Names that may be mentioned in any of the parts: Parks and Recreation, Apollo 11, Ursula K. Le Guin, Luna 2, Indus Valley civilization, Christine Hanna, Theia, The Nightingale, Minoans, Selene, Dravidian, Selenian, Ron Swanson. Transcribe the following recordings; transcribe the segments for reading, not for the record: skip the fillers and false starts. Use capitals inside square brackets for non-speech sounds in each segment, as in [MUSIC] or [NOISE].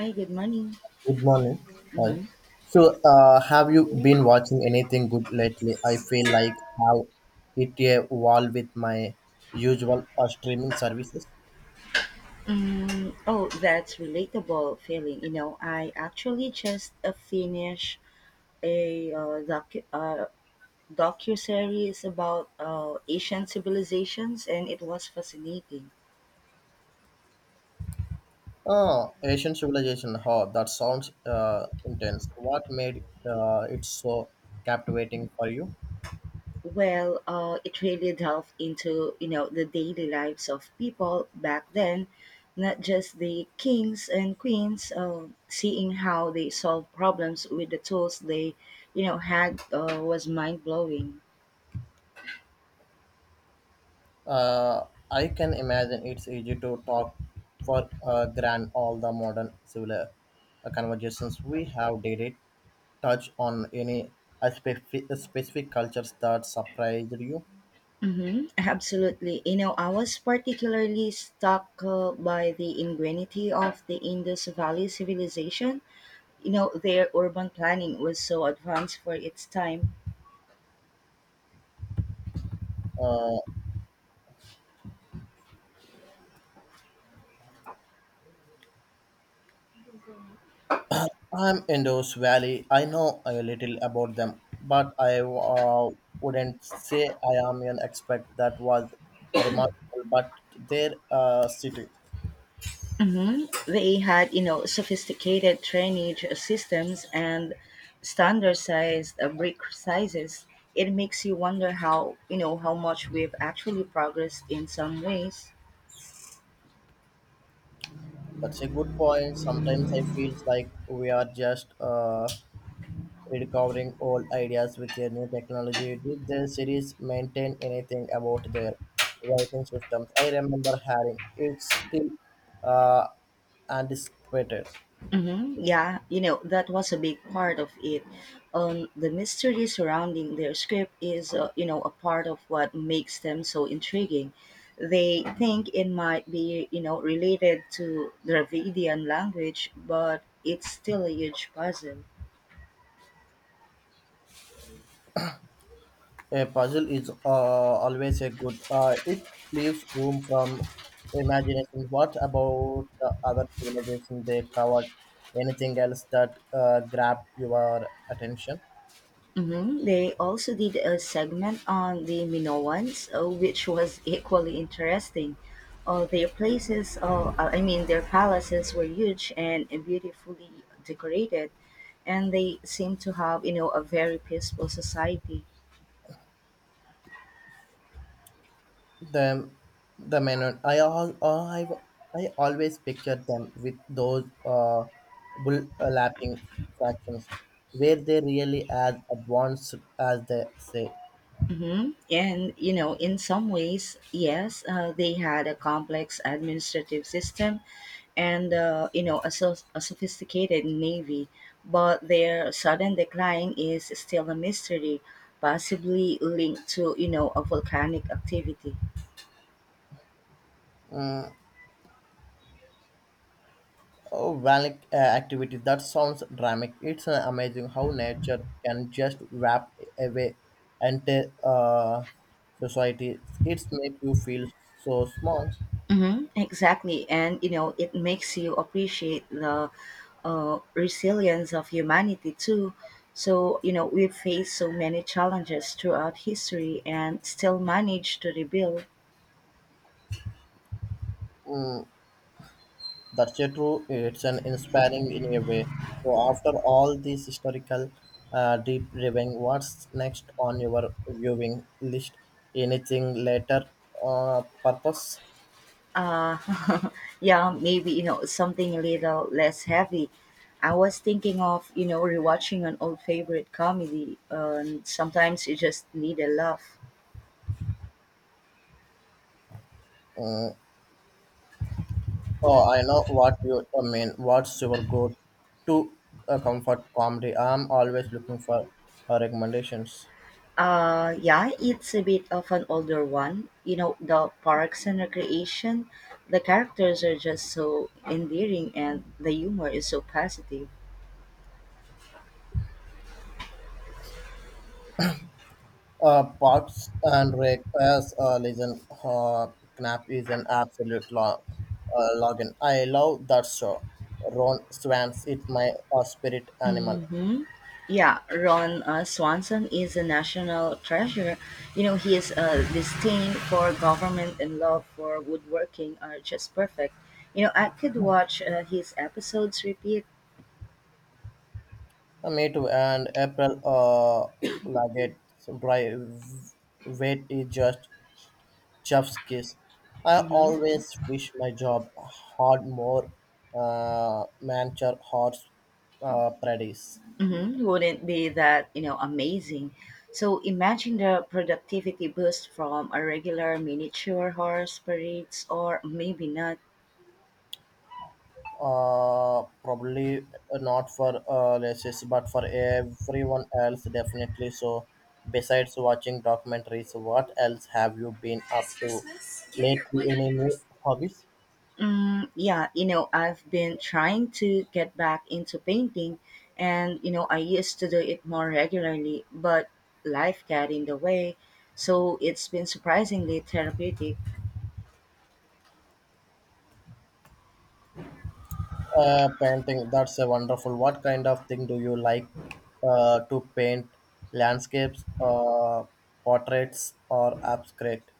I get money. Good morning. Hi. Mhm. So have you been watching anything good lately? I feel like how it a wall with my usual streaming services. Mm, oh, that's relatable feeling. I actually just finished a docuseries about Asian civilizations, and it was fascinating. Oh, Asian Civilization. Oh, that sounds intense. What made it so captivating for you? It really delved into the daily lives of people back then, not just the kings and queens. Seeing how they solved problems with the tools they had was mind blowing. Uh, I can imagine it's easy to talk for grand all the modern civil conversations we have. Did it touch on any specific cultures that surprised you? Absolutely. I was particularly struck by the ingenuity of the Indus Valley civilization. Their urban planning was so advanced for its time. Uh, I'm Indus Valley. I know a little about them, but I wouldn't say I am an expert. That was remarkable, but their city. They had, sophisticated drainage systems and standardized brick sizes. It makes you wonder how, how much we've actually progressed in some ways. That's a good point. Sometimes I feel like we are just recovering old ideas with a new technology. Did the series maintain anything about their writing systems? I remember hearing it's still uh, anticipated. Mm-hmm. Yeah, that was a big part of it. The mystery surrounding their script is, a part of what makes them so intriguing. They think it might be, related to Dravidian language, but it's still a huge puzzle. A puzzle is always a good. It leaves room from imagination. What about the other civilization they covered? Anything else that grabbed your attention? Mhm. They also did a segment on the Minoans, which was equally interesting. Their places, I mean, their palaces were huge and beautifully decorated, and they seemed to have, a very peaceful society. them the Menon. I all I I always picture them with those overlapping fractions where they really as advanced as they say. And in some ways, yes, they had a complex administrative system and a, a sophisticated navy, but their sudden decline is still a mystery, possibly linked to a volcanic activity. Mm, oh, volcanic activity that sounds dramatic. It's amazing how nature can just wrap away entire society. It's make you feel so small. Exactly. And, it makes you appreciate the resilience of humanity too. So, we've faced so many challenges throughout history and still managed to rebuild. Mm, That's a true. It's an inspiring in a way. So after all this historical deep diving, what's next on your viewing list? Anything later purpose? Uh, [LAUGHS] yeah, maybe, something a little less heavy. I was thinking of, rewatching an old favorite comedy, and sometimes you just need a laugh. Mm. Oh, I know what you mean. What's your go to comfort comedy? I'm always looking for recommendations. Yeah, it's a bit of an older one. The parks and recreation, the characters are just so endearing and the humor is so positive. Parks and Rec as a legend, Knapp is an absolute login. I love that show. Ron Swans, it's my spirit animal. Mm-hmm. Yeah, Ron Swanson is a national treasure. His disdain for government and love for woodworking are just perfect. I could watch his episodes repeat. Me too. And April Laggett, dry weight is just chef's kiss. I Mhm. always wish my job had more mancher horse parodies. Mhm, wouldn't be that, amazing. So imagine the productivity boost from a regular miniature horse parades or maybe not. Probably not for racists but for everyone else definitely so besides watching documentaries what else have you been up to lately any new hobbies. Mm, yeah, I've been trying to get back into painting and, I used to do it more regularly, but life got in the way. So it's been surprisingly therapeutic. Painting that's a wonderful what kind of thing do you like to paint landscapes portraits or abstract.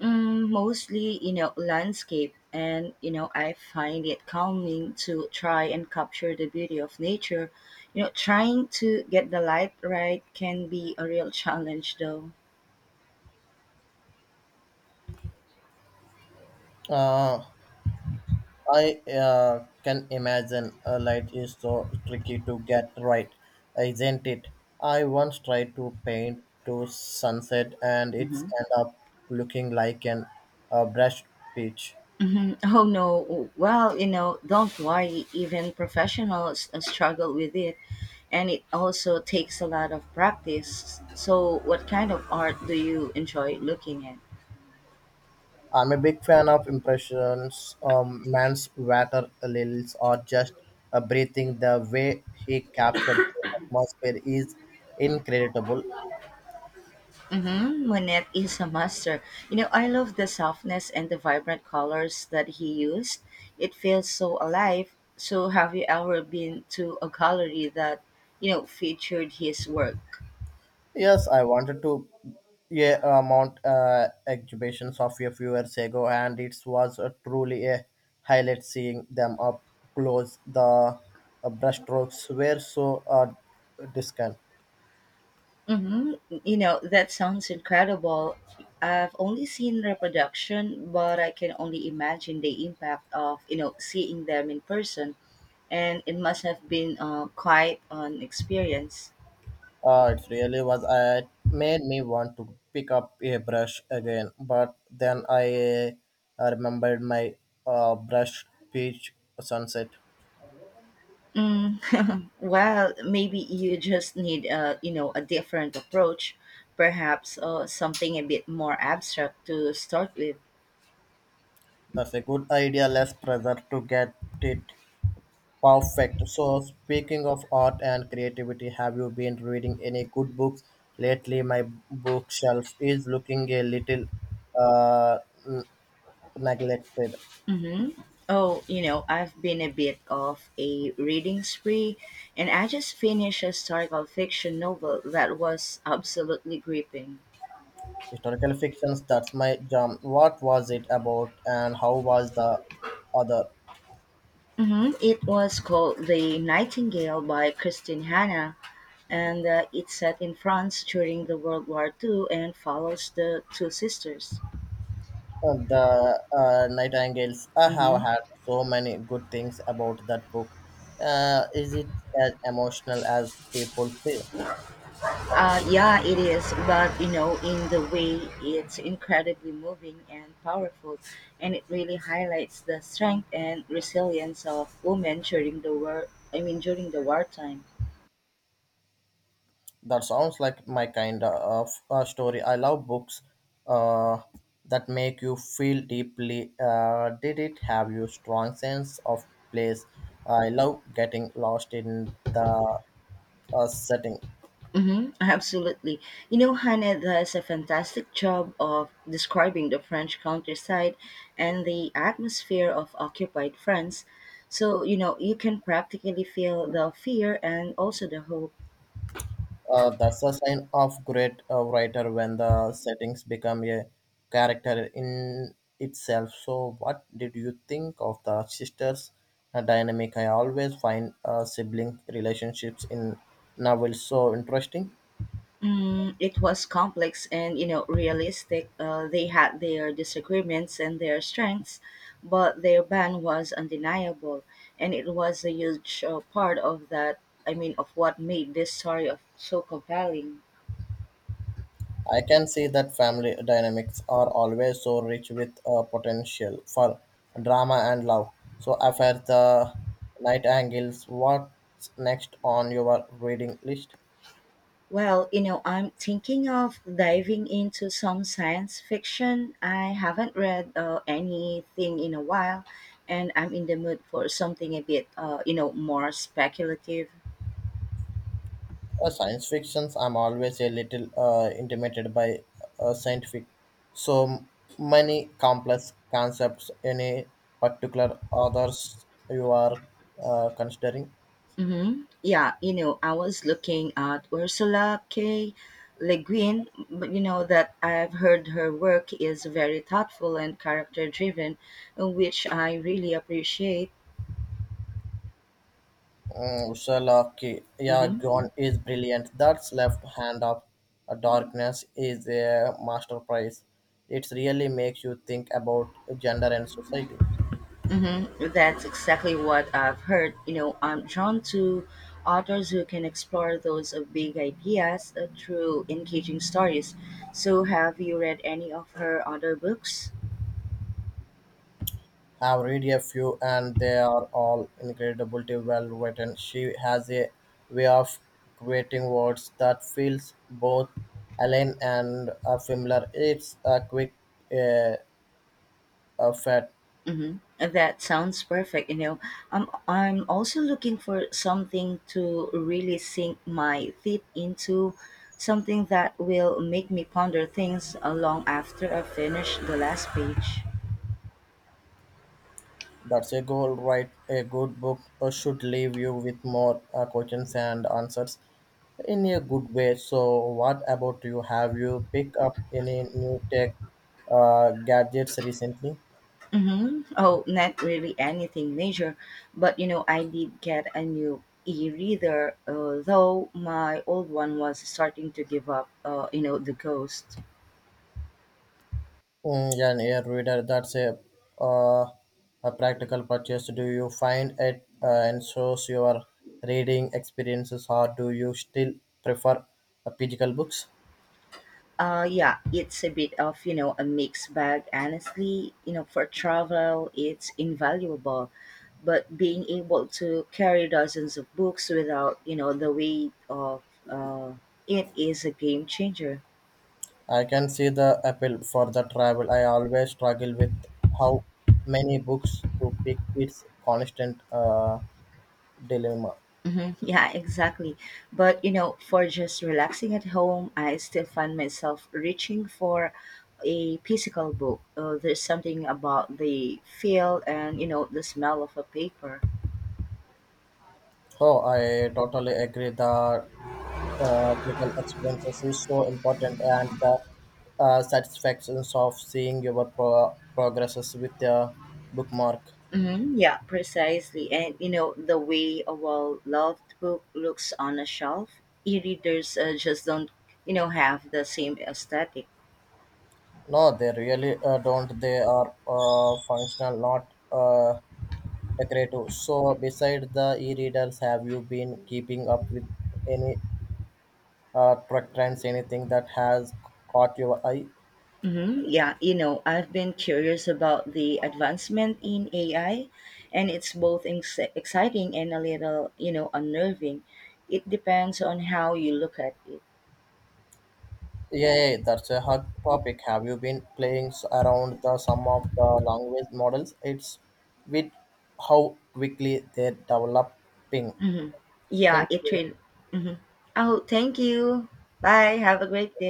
Mm, mostly, landscape, and I find it calming to try and capture the beauty of nature. Trying to get the light right can be a real challenge, though. uh I can imagine a light is so tricky to get right, isn't it? I once tried to paint to sunset and it's hmm end up looking like an brushed peach. [LAUGHS] Oh no, well, don't worry. Even professionals struggle with it, and it also takes a lot of practice. So, what kind of art do you enjoy looking at? I'm a big fan of impressions. Man's water lilies are just breathing. The way he captured his atmosphere is incredible. Mm-hmm. Monet is a master. I love the softness and the vibrant colors that he used. It feels so alive. So, have you ever been to a gallery that, featured his work? Yes, I wanted to yeah, mount exhibitions of a few years ago, and it was truly a highlight seeing them up close. The brushstrokes were so distant. Mm-hmm. That sounds incredible. I've only seen reproduction, but I can only imagine the impact of, seeing them in person. And it must have been quite an experience. It really was. It made me want to pick up a brush again, but then I remembered my brush beach sunset. Mm, [LAUGHS] well, maybe you just need a a different approach, perhaps something a bit more abstract to start with. That's a good idea. Less pressure to get it perfect. So, speaking of art and creativity, have you been reading any good books lately? My bookshelf is looking a little uh, n- neglected. hmm Oh, I've been a bit of a reading spree, and I just finished a historical fiction novel that was absolutely gripping. Historical fictions, that's my jam. What was it about, and how was the other? It was called *The Nightingale* by Christine Hanna, and it's set in France during the World War Two, and follows the two sisters. The Nightingales. I have hmm had so many good things about that book. Is it as emotional as people say? Yeah, it is, but in the way it's incredibly moving and powerful, and it really highlights the strength and resilience of women during the war. I mean, during the wartime. That sounds like my kind of story. I love books uh, that make you feel deeply. Did it have you strong sense of place? I love getting lost in the setting. Mm-hmm, absolutely. Hannah does a fantastic job of describing the French countryside and the atmosphere of occupied France. So, you can practically feel the fear and also the hope. That's a sign of great writer when the settings become a character in itself. So, what did you think of the sisters' dynamic? I always find sibling relationships in novels so interesting. Mm, it was complex and realistic. They had their disagreements and their strengths, but their band was undeniable, and it was a huge part of that. I mean, of what made this story of so compelling. I can see that family dynamics are always so rich with potential for drama and love. So, after the night angles, what's next on your reading list? Well, I'm thinking of diving into some science fiction. I haven't read anything in a while, and I'm in the mood for something a bit, more speculative. Science fictions, I'm always a little intimidated by scientific. So many complex concepts. Any particular others you are considering? Mm-hmm. Yeah, I was looking at Ursula K. Le Guin, but that I've heard her work is very thoughtful and character driven, which I really appreciate. Mm, Sherlock, yeah, Mm-hmm. Gone is brilliant. That's left hand of darkness is a masterpiece. It really makes you think about gender and society. Mm-hmm. That's exactly what I've heard. I'm drawn to authors who can explore those big ideas through engaging stories. So, have you read any of her other books? I've read a few and they are all incredibly well written. She has a way of creating words that feels both alien and familiar. It's a quick uh, a fat. Mhm. That sounds perfect. I'm also looking for something to really sink my teeth into, something that will make me ponder things long after I finish the last page. That's a goal, right? A good book should leave you with more questions and answers in a good way. So, what about you? Have you picked up any new tech gadgets recently? Mm-hmm. Oh, not really anything major, but I did get a new e-reader, though my old one was starting to give up. The ghost. Mm, yeah, yeah, reader, that's uh, a practical purchase. Do you find it ensures your reading experiences, or do you still prefer physical books? Yeah, it's a bit of, a mixed bag. Honestly, for travel, it's invaluable. But being able to carry dozens of books without, the weight of uh, it is a game changer. I can see the appeal for the travel. I always struggle with how many books to pick. It's constant dilemma. Mhm. [LAUGHS] Yeah, exactly. But, for just relaxing at home, I still find myself reaching for a physical book. There's something about the feel and, the smell of a paper. Oh, I totally agree. The practical experiences is so important and the satisfactions of seeing your progresses with the bookmark. Yeah, precisely. And the way a well-loved book looks on a shelf, e-readers just don't, have the same aesthetic. No they really don't they are functional not uh, decorative so beside the e-readers have you been keeping up with any truck trends anything that has caught your eye. Yeah, I've been curious about the advancement in AI, and it's both exciting and a little, unnerving. It depends on how you look at it. Yeah, yeah, that's a hot topic. Have you been playing around the some of the language models? It's with how quickly they're developing. hmm Yeah, Thank it you. really. hmm Oh, thank you. Bye. Have a great day.